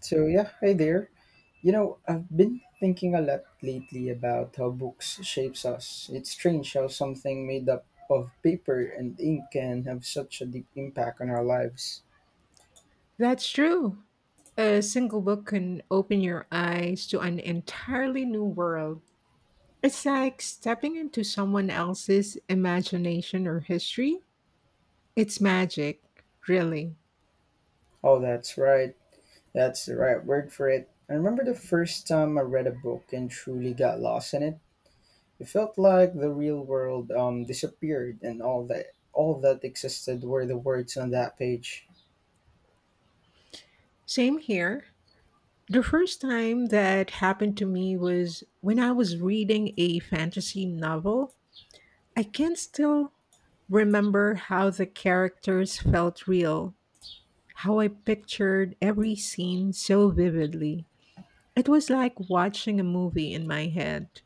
So yeah, hi there. I've been thinking a lot lately about how books shapes us. It's strange how something made up of paper and ink can have such a deep impact on our lives. That's true. A single book can open your eyes to an entirely new world. It's like stepping into someone else's imagination or history. It's magic, really. Oh, that's right. That's the right word for it. I remember the first time I read a book and truly got lost in it. It felt like the real world disappeared and all that existed were the words on that page. Same here. The first time that happened to me was when I was reading a fantasy novel. I can still remember how the characters felt real, how I pictured every scene so vividly. It was like watching a movie in my head.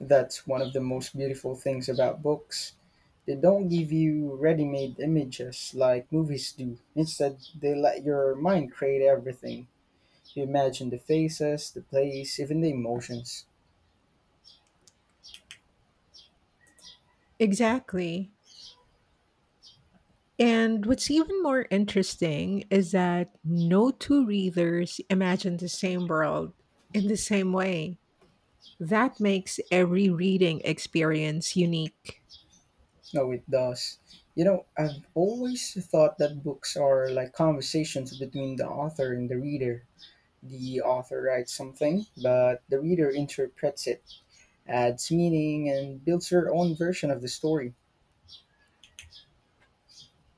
That's one of the most beautiful things about books. They don't give you ready made images like movies do. Instead, they let your mind create everything. You imagine the faces, the place, even the emotions. Exactly. And what's even more interesting is that no two readers imagine the same world in the same way. That makes every reading experience unique. No, it does. I've always thought that books are like conversations between the author and the reader. The author writes something, but the reader interprets it, adds meaning, and builds her own version of the story.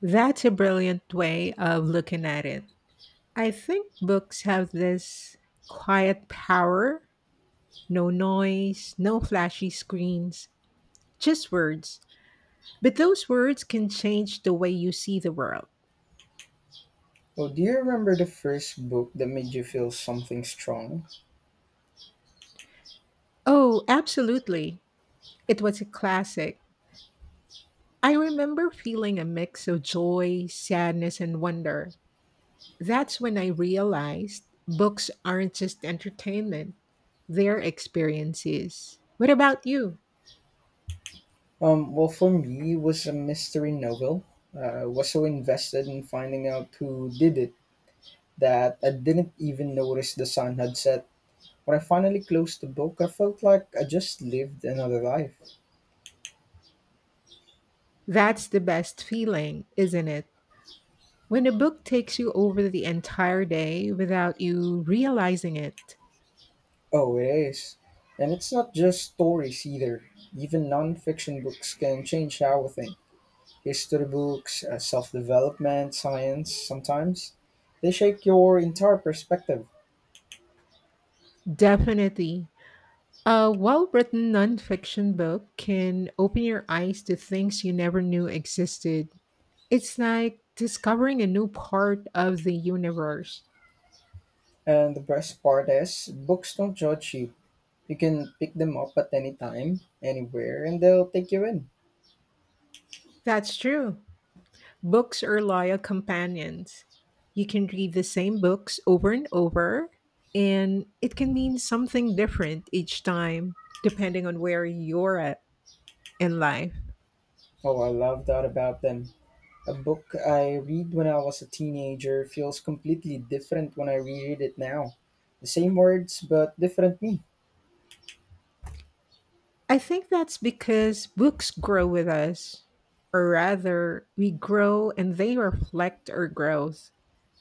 That's a brilliant way of looking at it. I think books have this quiet power, no noise, no flashy screens, just words. But those words can change the way you see the world. Oh, do you remember the first book that made you feel something strong? Oh, absolutely. It was a classic. I remember feeling a mix of joy, sadness, and wonder. That's when I realized books aren't just entertainment, they're experiences. What about you? Well, for me, it was a mystery novel. I was so invested in finding out who did it that I didn't even notice the sun had set. When I finally closed the book, I felt like I just lived another life. That's the best feeling, isn't it? When a book takes you over the entire day without you realizing it. Oh, it is. And it's not just stories either. Even non-fiction books can change how we think. History books, self-development, science, sometimes. They shake your entire perspective. Definitely. A well written nonfiction book can open your eyes to things you never knew existed. It's like discovering a new part of the universe. And the best part is, books don't judge you. You can pick them up at any time, anywhere, and they'll take you in. That's true. Books are loyal companions. You can read the same books over and over, and it can mean something different each time, depending on where you're at in life. Oh, I love that about them. A book I read when I was a teenager feels completely different when I reread it now. The same words, but different me. I think that's because books grow with us, or rather, we grow and they reflect our growth.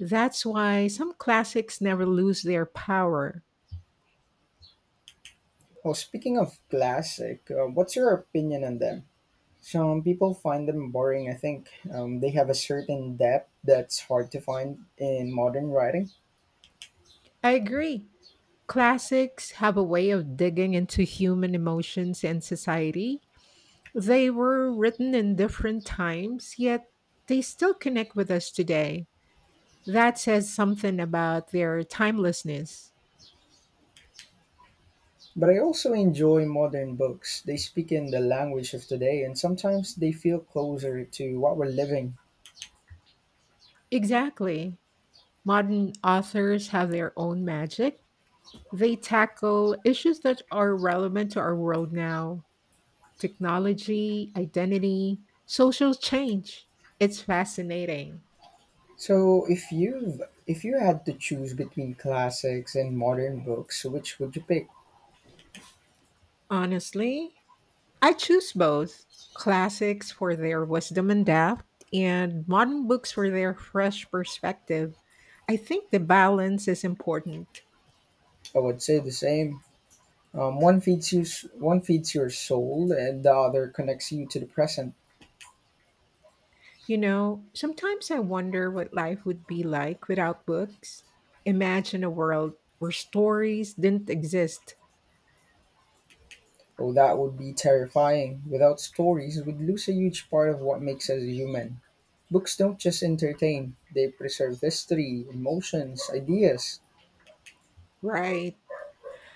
That's why some classics never lose their power. Oh, speaking of classic, what's your opinion on them? Some people find them boring, I think. They have a certain depth that's hard to find in modern writing. I agree. Classics have a way of digging into human emotions and society. They were written in different times, yet they still connect with us today. That says something about their timelessness. But I also enjoy modern books. They speak in the language of today and sometimes they feel closer to what we're living. Exactly. Modern authors have their own magic. They tackle issues that are relevant to our world now: technology, identity, social change. It's fascinating. So if you had to choose between classics and modern books, which would you pick? Honestly, I choose both: classics for their wisdom and depth, and modern books for their fresh perspective. I think the balance is important. I would say the same. One feeds your soul and the other connects you to the present. You know, sometimes I wonder what life would be like without books. Imagine a world where stories didn't exist, Oh, that would be terrifying. Without stories, we'd lose a huge part of what makes us human. Books don't just entertain, they preserve history, emotions, ideas. right?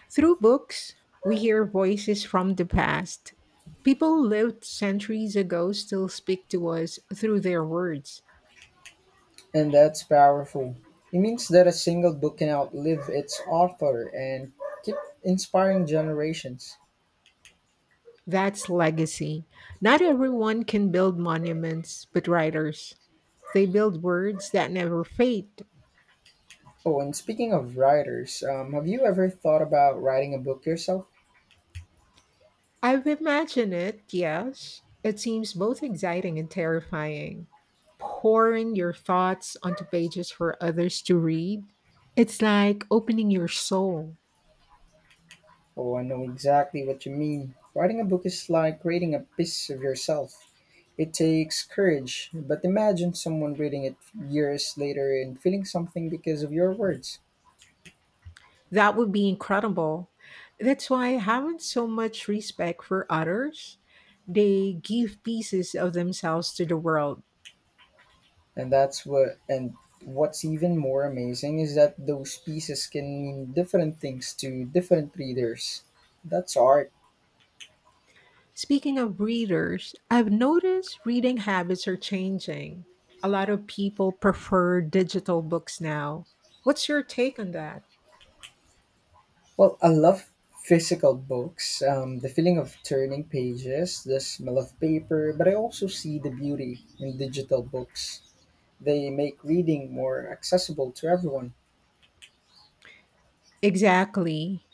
Through books, we hear voices from the past. People lived centuries ago still speak to us through their words. And that's powerful. It means that a single book can outlive its author and keep inspiring generations. That's legacy. Not everyone can build monuments, but writers. They build words that never fade. Oh, and speaking of writers, have you ever thought about writing a book yourself? I've imagined it, yes. It seems both exciting and terrifying. Pouring your thoughts onto pages for others to read, it's like opening your soul. Oh, I know exactly what you mean. Writing a book is like creating a piece of yourself. It takes courage, but imagine someone reading it years later and feeling something because of your words. That would be incredible. That's why I haven't so much respect for others. They give pieces of themselves to the world. And what's even more amazing is that those pieces can mean different things to different readers. That's art. Speaking of readers, I've noticed reading habits are changing. A lot of people prefer digital books now. What's your take on that? Well, I love physical books, the feeling of turning pages, the smell of paper. But I also see the beauty in digital books. They make reading more accessible to everyone. Exactly.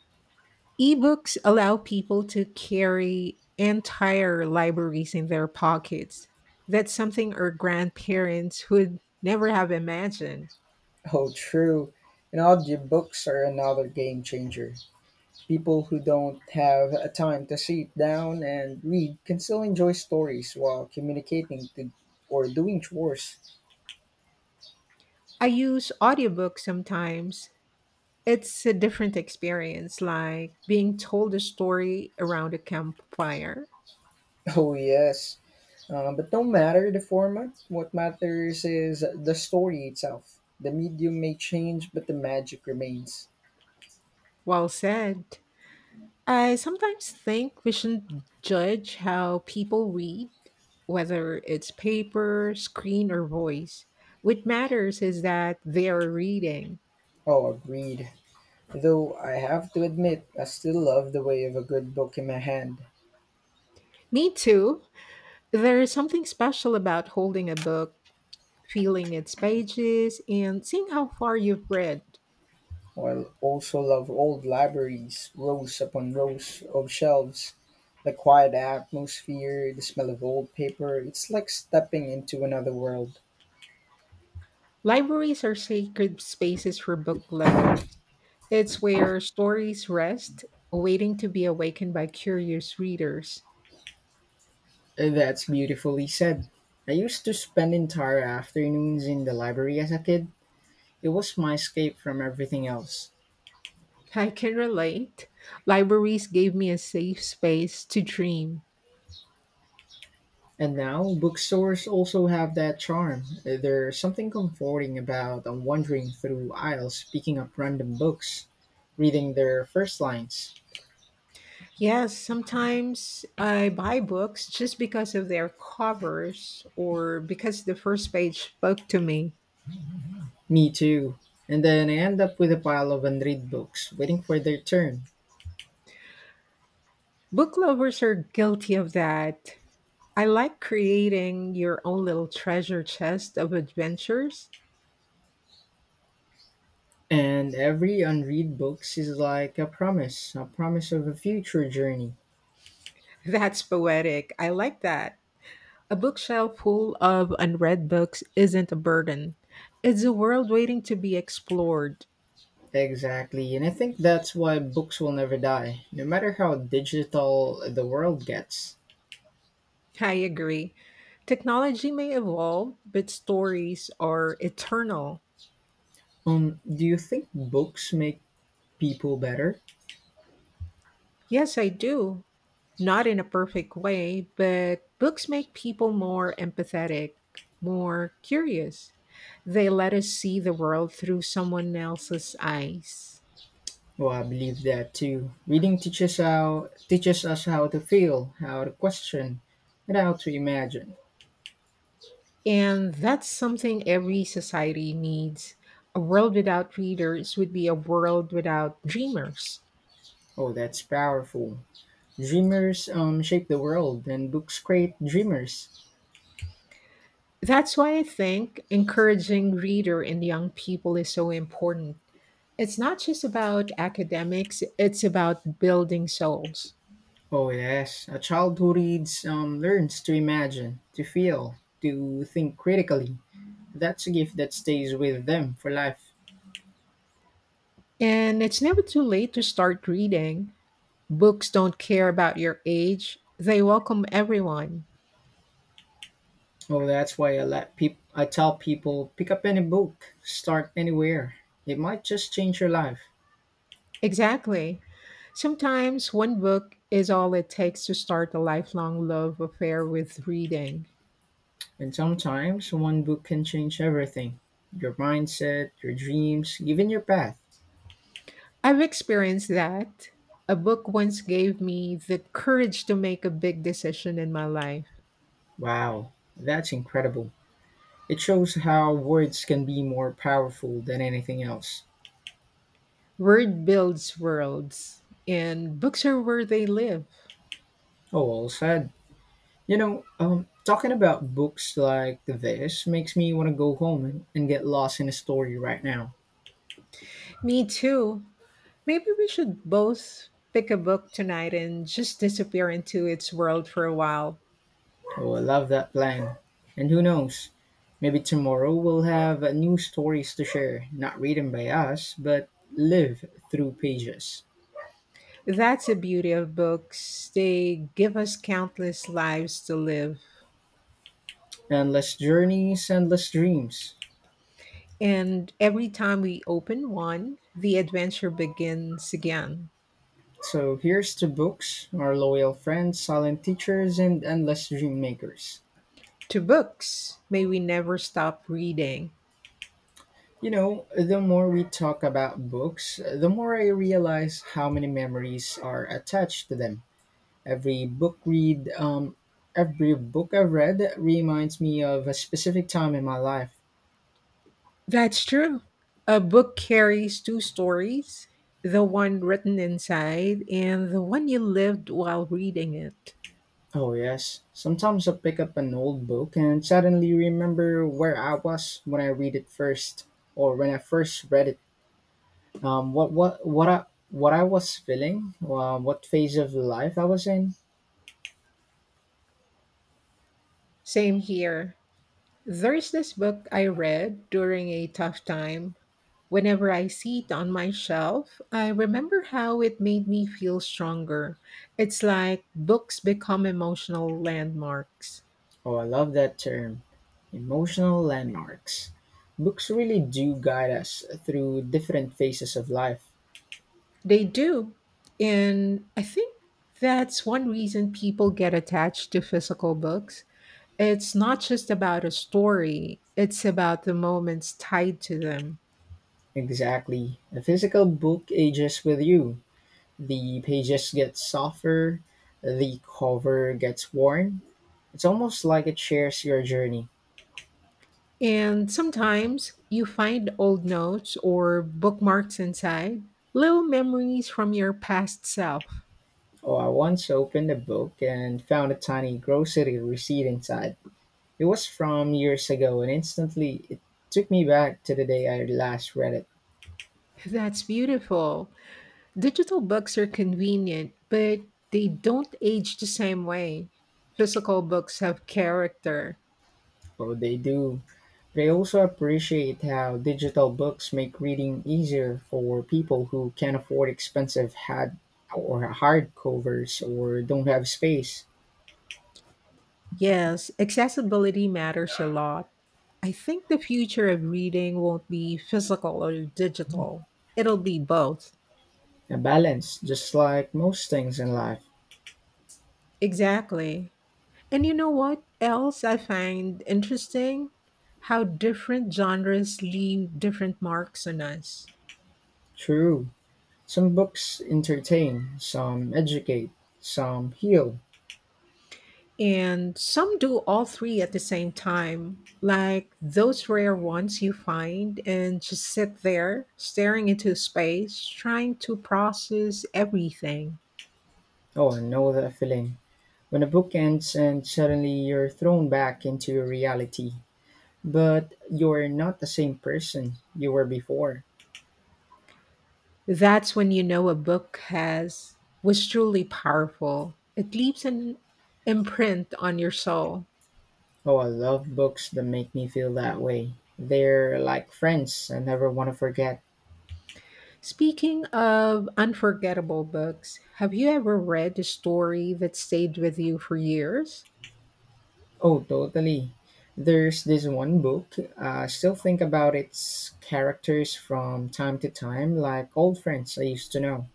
Ebooks allow people to carry entire libraries in their pockets. That's something our grandparents would never have imagined. Oh, true. And audiobooks are another game changer. People who don't have a time to sit down and read can still enjoy stories while communicating to, or doing chores. I use audiobooks sometimes. It's a different experience, like being told a story around a campfire. Oh, yes. But no matter the format, what matters is the story itself. The medium may change, but the magic remains. Well said. I sometimes think we shouldn't judge how people read, whether it's paper, screen, or voice. What matters is that they are reading. Oh, agreed. Though I have to admit, I still love the way of a good book in my hand. Me too. There is something special about holding a book, feeling its pages, and seeing how far you've read. While also love old libraries, rows upon rows of shelves, the quiet atmosphere, the smell of old paper, it's like stepping into another world. Libraries are sacred spaces for book lovers. It's where stories rest, waiting to be awakened by curious readers. That's beautifully said. I used to spend entire afternoons in the library as a kid. It was my escape from everything else. I can relate. Libraries gave me a safe space to dream. And now, bookstores also have that charm. There's something comforting about wandering through aisles picking up random books, reading their first lines. Yes, sometimes I buy books just because of their covers or because the first page spoke to me. Me too. And then I end up with a pile of unread books waiting for their turn. Book lovers are guilty of that. I like creating your own little treasure chest of adventures. And every unread books is like a promise of a future journey. That's poetic. I like that. A bookshelf full of unread books isn't a burden, it's a world waiting to be explored. Exactly. And I think that's why books will never die, no matter how digital the world gets. I agree. Technology may evolve, but stories are eternal. Do you think books make people better? Yes, I do. Not in a perfect way, but books make people more empathetic, more curious. They let us see the world through someone else's eyes. Well, I believe that too. Reading teaches us how to feel, how to question, and how to imagine. And that's something every society needs. A world without readers would be a world without dreamers. Oh, that's powerful. Dreamers shape the world, and books create dreamers. That's why I think encouraging reader in young people is so important. It's not just about academics, it's about building souls. Oh, yes. A child who reads learns to imagine, to feel, to think critically. That's a gift that stays with them for life. And it's never too late to start reading. Books don't care about your age, they welcome everyone. Oh, that's why I tell people pick up any book, start anywhere. It might just change your life. Exactly. Sometimes one book is all it takes to start a lifelong love affair with reading. And sometimes one book can change everything: your mindset, your dreams, even your path. I've experienced that. A book once gave me the courage to make a big decision in my life. Wow, that's incredible. It shows how words can be more powerful than anything else. Word builds worlds, and books are where they live. Oh, well said. Talking about books like this makes me want to go home and get lost in a story right now. Me too. Maybe we should both pick a book tonight and just disappear into its world for a while. Oh, I love that plan. And who knows? Maybe tomorrow we'll have new stories to share, not written by us, but live through pages. That's the beauty of books. They give us countless lives to live. Endless journeys, endless dreams. And every time we open one, the adventure begins again. So here's to books, our loyal friends, silent teachers, and endless dream makers. To books, may we never stop reading. The more we talk about books, the more I realize how many memories are attached to them. Every book read, um, every book I've read reminds me of a specific time in my life. That's true. A book carries two stories: the one written inside and the one you lived while reading it. Oh yes, sometimes I pick up an old book and suddenly remember where I was when I read it first, or when I first read it. Um, what what what I what I was feeling, what phase of life I was in. Same here. There's this book I read during a tough time. Whenever I see it on my shelf, I remember how it made me feel stronger. It's like books become emotional landmarks. Oh, I love that term. Emotional landmarks. Books really do guide us through different phases of life. They do. And I think that's one reason people get attached to physical books. It's not just about a story, it's about the moments tied to them. Exactly. A physical book ages with you. The pages get softer, the cover gets worn. It's almost like it shares your journey. And sometimes you find old notes or bookmarks inside, little memories from your past self. Oh, I once opened a book and found a tiny grocery receipt inside. It was from years ago, and instantly it took me back to the day I last read it. That's beautiful. Digital books are convenient, but they don't age the same way. Physical books have character. Oh, they do. They also appreciate how digital books make reading easier for people who can't afford expensive had or hardcovers or don't have space. Yes, accessibility matters a lot. I think the future of reading won't be physical or digital, it'll be both. A balance, just like most things in life. Exactly. And you know what else I find interesting? How different genres leave different marks on us. True. Some books entertain, some educate, some heal. And some do all three at the same time, like those rare ones you find and just sit there staring into space, trying to process everything. Oh, I know that feeling. When a book ends and suddenly you're thrown back into reality, but you're not the same person you were before. That's when you know a book has was truly powerful. It leaves an imprint on your soul. Oh, I love books that make me feel that way. They're like friends I never want to forget. Speaking of unforgettable books, have you ever read a story that stayed with you for years? Oh, totally. There's this one book. I still think about its characters from time to time, like old friends I used to know.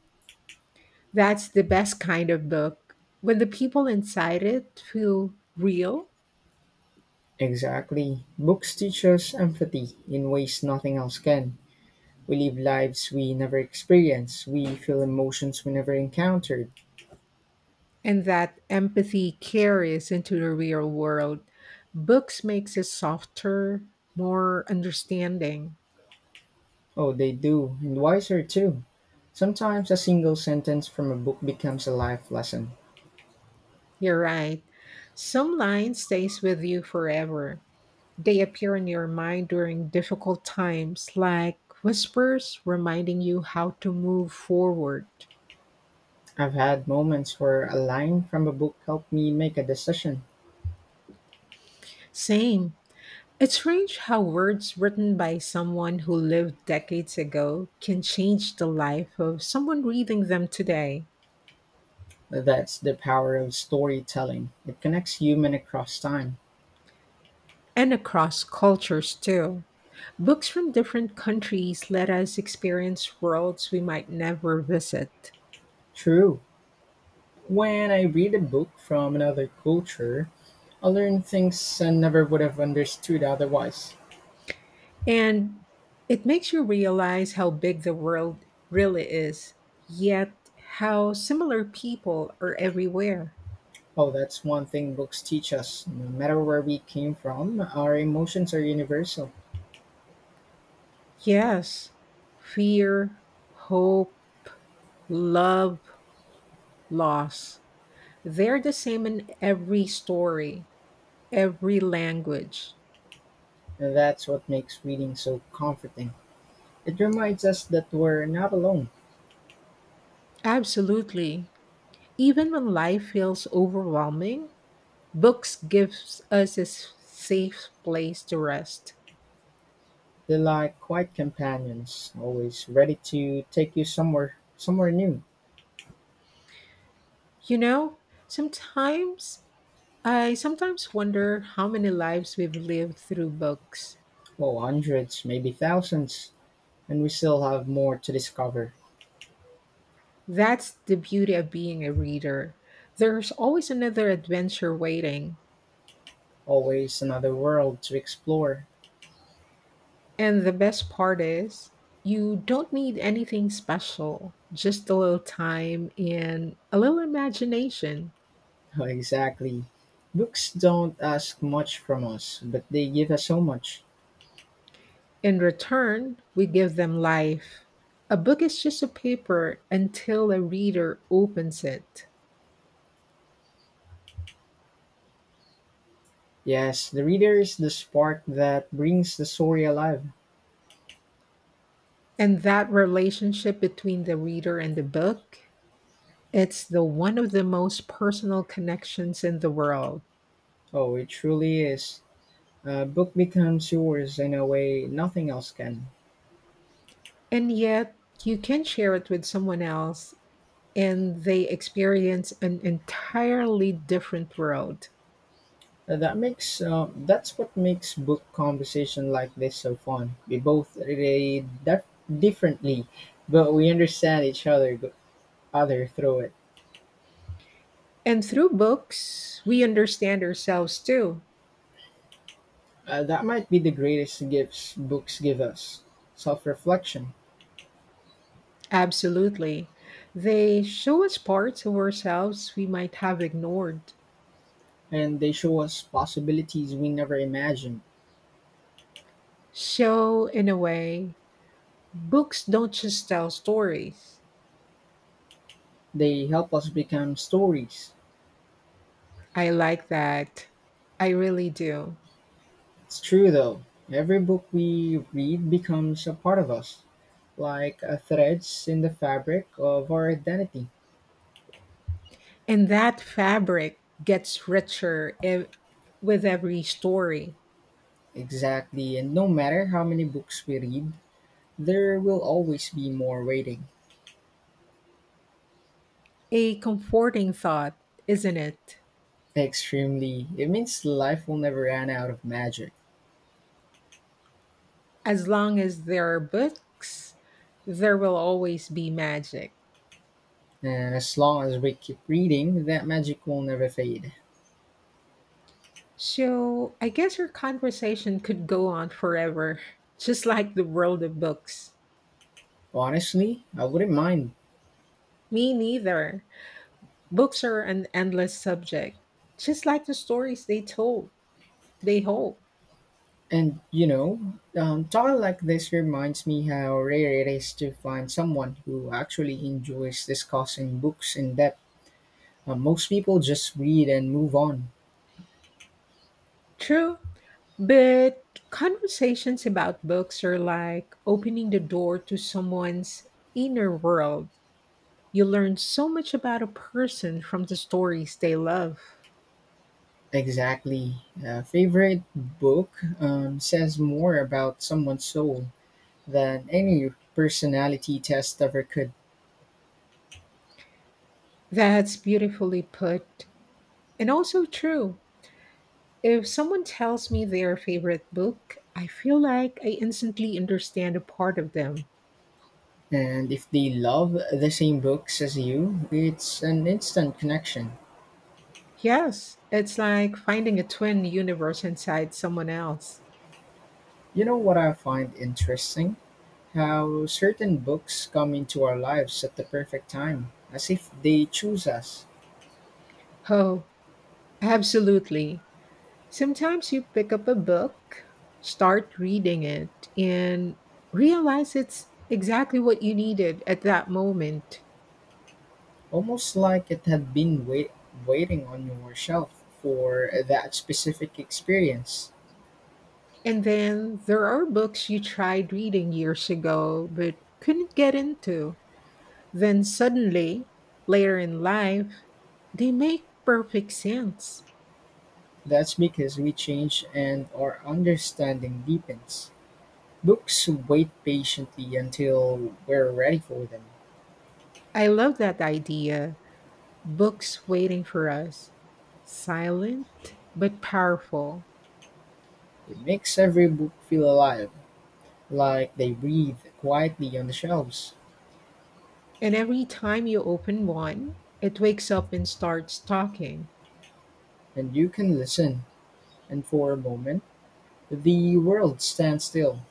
That's the best kind of book. When the people inside it feel real Exactly. Books teach us empathy in ways nothing else can. We live lives we never experience. We feel emotions we never encountered. and that empathy carries into the real world, books makes us softer, more understanding. Oh, they do, and wiser too. Sometimes a single sentence from a book becomes a life lesson. You're right. Some line stays with you forever. They appear in your mind during difficult times, like whispers reminding you how to move forward. I've had moments where a line from a book helped me make a decision. Same. It's strange how words written by someone who lived decades ago can change the life of someone reading them today, That's the power of storytelling. It connects human across time. and across cultures too. Books from different countries let us experience worlds we might never visit. True. When I read a book from another culture, I learn things I never would have understood otherwise. And it makes you realize how big the world really is, yet how similar people are everywhere. Oh, that's one thing books teach us. No matter where we came from, our emotions are universal. Yes, fear, hope, love, loss. They're the same in every story, every language. And that's what makes reading so comforting. It reminds us that we're not alone. Absolutely. Even when life feels overwhelming, books gives us a safe place to rest. They lie quiet companions, always ready to take you somewhere new. You know, sometimes I sometimes wonder how many lives we've lived through books. Well, hundreds, maybe thousands, and we still have more to discover. That's the beauty of being a reader. There's always another adventure waiting. Always another world to explore. And the best part is, you don't need anything special, just a little time and a little imagination. Exactly. Books don't ask much from us, but they give us so much. In return, we give them life. A book is just a paper until a reader opens it. Yes, the reader is the spark that brings the story alive. And that relationship between the reader and the book, it's the one of the most personal connections in the world. Oh, it truly is. A book becomes yours in a way nothing else can. And yet you can share it with someone else and they experience an entirely different world. That's what makes book conversation like this so fun. We both read differently, but we understand each other through it. And through books, we understand ourselves too. That might be the greatest gifts books give us: self-reflection, Absolutely. They show us parts of ourselves we might have ignored. and they show us possibilities we never imagined. So, in a way, books don't just tell stories. They help us become stories. I like that. I really do. It's true though. Every book we read becomes a part of us, like a threads in the fabric of our identity. And that fabric gets richer with every story. Exactly, and no matter how many books we read, there will always be more waiting. A comforting thought, isn't it? Extremely. It means life will never run out of magic. As long as there are books, there will always be magic. And as long as we keep reading, that magic will never fade. So I guess our conversation could go on forever, just like the world of books. Honestly, I wouldn't mind. Me neither. Books are an endless subject, just like the stories they hold. And talking like this reminds me how rare it is to find someone who actually enjoys discussing books in depth. Most people just read and move on. True, but conversations about books are like opening the door to someone's inner world. You learn so much about a person from the stories they love. Exactly. A favorite book says more about someone's soul than any personality test ever could. That's beautifully put and also true. If someone tells me their favorite book, I feel like I instantly understand a part of them. And if they love the same books as you, it's an instant connection. Yes, it's like finding a twin universe inside someone else. You know what I find interesting? How certain books come into our lives at the perfect time, as if they choose us, Oh, absolutely. Sometimes you pick up a book, start reading it, and realize it's exactly what you needed at that moment. almost like it had been waiting on your shelf for that specific experience. And then there are books you tried reading years ago but couldn't get into. Then suddenly, later in life, they make perfect sense. That's because we change and our understanding deepens. Books wait patiently until we're ready for them. I love that idea. Books waiting for us. Silent but powerful. It makes every book feel alive, like they breathe quietly on the shelves. And every time you open one, it wakes up and starts talking. And you can listen, and for a moment, the world stands still.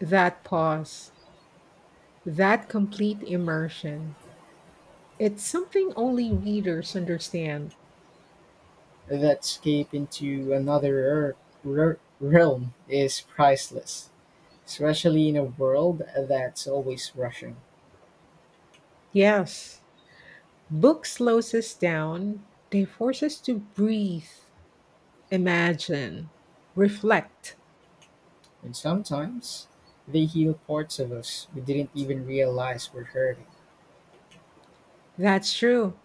That pause, that complete immersion. It's something only readers understand. That escape into another realm is priceless, especially in a world that's always rushing. Yes, book slows us down. They force us to breathe, imagine, reflect. And sometimes they heal parts of us we didn't even realize were hurting. That's true.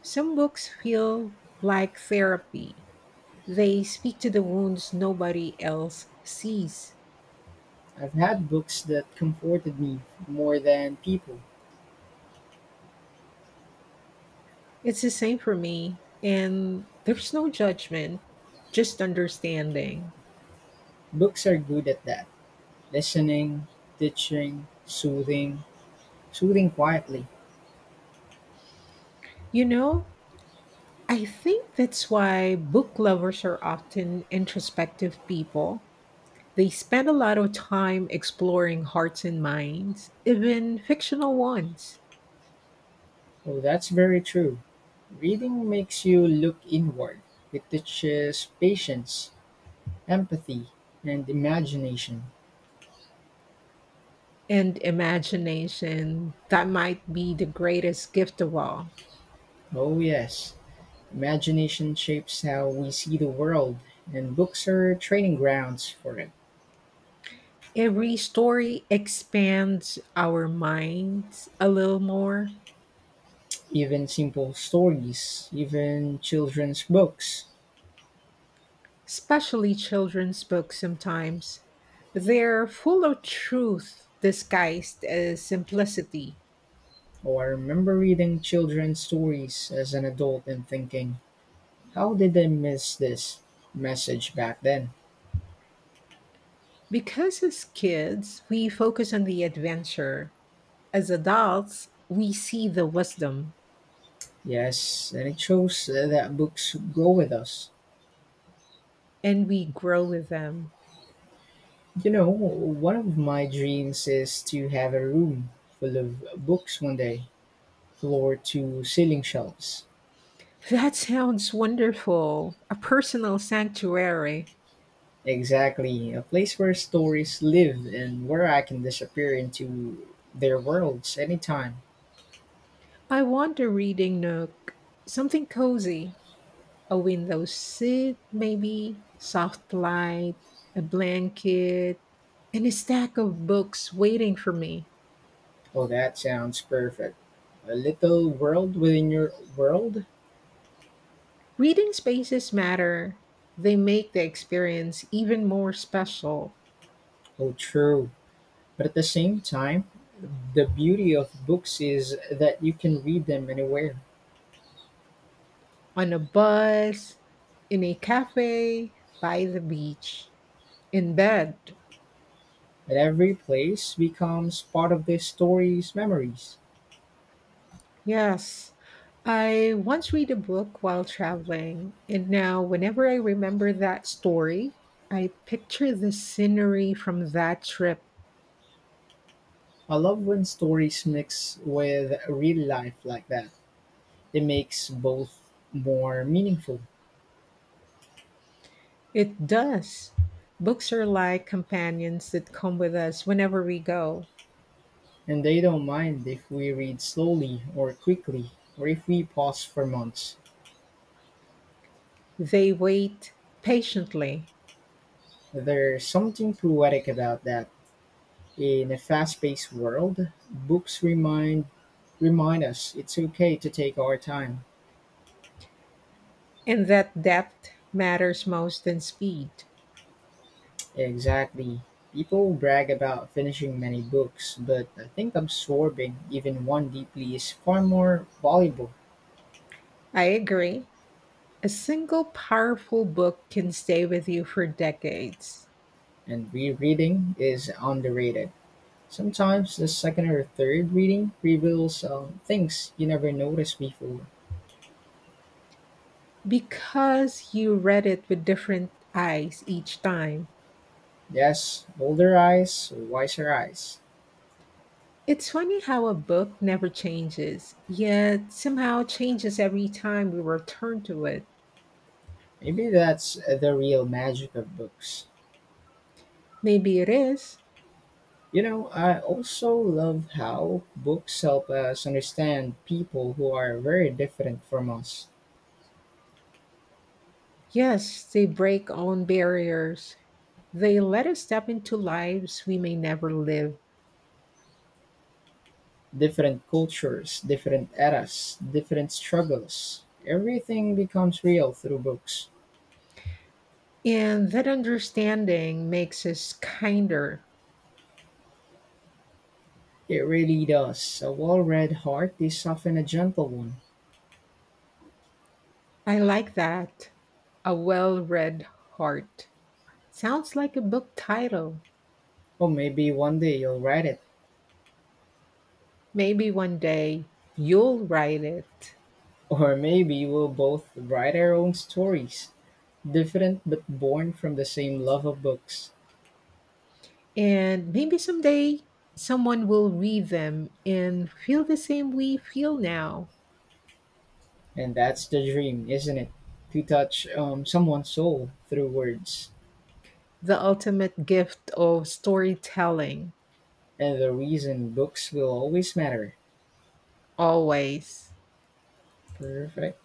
Some books feel like therapy. They speak to the wounds nobody else sees. I've had books that comforted me more than people. It's the same for me. And there's no judgment, just understanding. Books are good at that listening, teaching, soothing quietly. You know, I think that's why book lovers are often introspective people. They spend a lot of time exploring hearts and minds, even fictional ones, Oh, that's very true. Reading makes you look inward, it teaches patience, empathy, and imagination. and imagination that might be the greatest gift of all. Oh, yes, imagination shapes how we see the world, and books are training grounds for it. Every story expands our minds a little more. Even simple stories, even children's books. Especially children's books sometimes. They're full of truth disguised as simplicity. Oh, I remember reading children's stories as an adult and thinking, how did I miss this message back then? Because as kids, we focus on the adventure. As adults, we see the wisdom Yes, and it shows that books go with us. and we grow with them. One of my dreams is to have a room full of books one day, floor to ceiling shelves. That sounds wonderful. A personal sanctuary. Exactly, a place where stories live and where I can disappear into their worlds anytime. I want a reading nook, something cozy. A window seat, maybe, soft light, a blanket, and a stack of books waiting for me. Oh, that sounds perfect. A little world within your world? Reading spaces matter. They make the experience even more special. Oh, true. But at the same time, the beauty of books is that you can read them anywhere, On a bus, in a cafe, by the beach, in bed. and every place becomes part of the story's memories. Yes, I once read a book while traveling, and now whenever I remember that story, I picture the scenery from that trip. I love when stories mix with real life like that. It makes both more meaningful, It does. Books are like companions that come with us whenever we go. and they don't mind if we read slowly or quickly, or if we pause for months. They wait patiently, There's something poetic about that. In a fast-paced world, books remind us it's okay to take our time. and that depth matters most than speed. Exactly. People brag about finishing many books, but I think absorbing even one deeply is far more valuable, I agree. A single powerful book can stay with you for decades and rereading is underrated. Sometimes the second or third reading reveals things you never noticed before. because you read it with different eyes each time. Yes, older eyes, wiser eyes. It's funny how a book never changes, yet somehow changes every time we return to it. Maybe that's the real magic of books. Maybe it is. I also love how books help us understand people who are very different from us. Yes, they break on barriers. They let us step into lives we may never live. Different cultures, different eras, different struggles. Everything becomes real through books. And that understanding makes us kinder. It really does. A well read heart is often a gentle one. I like that. A well read heart. Sounds like a book title. Or maybe one day you'll write it. Maybe one day you'll write it. Or maybe we'll both write our own stories. Different but born from the same love of books. And maybe someday someone will read them and feel the same we feel now. And that's the dream, isn't it? To touch someone's soul through words. The ultimate gift of storytelling, And the reason books will always matter. always. Perfect.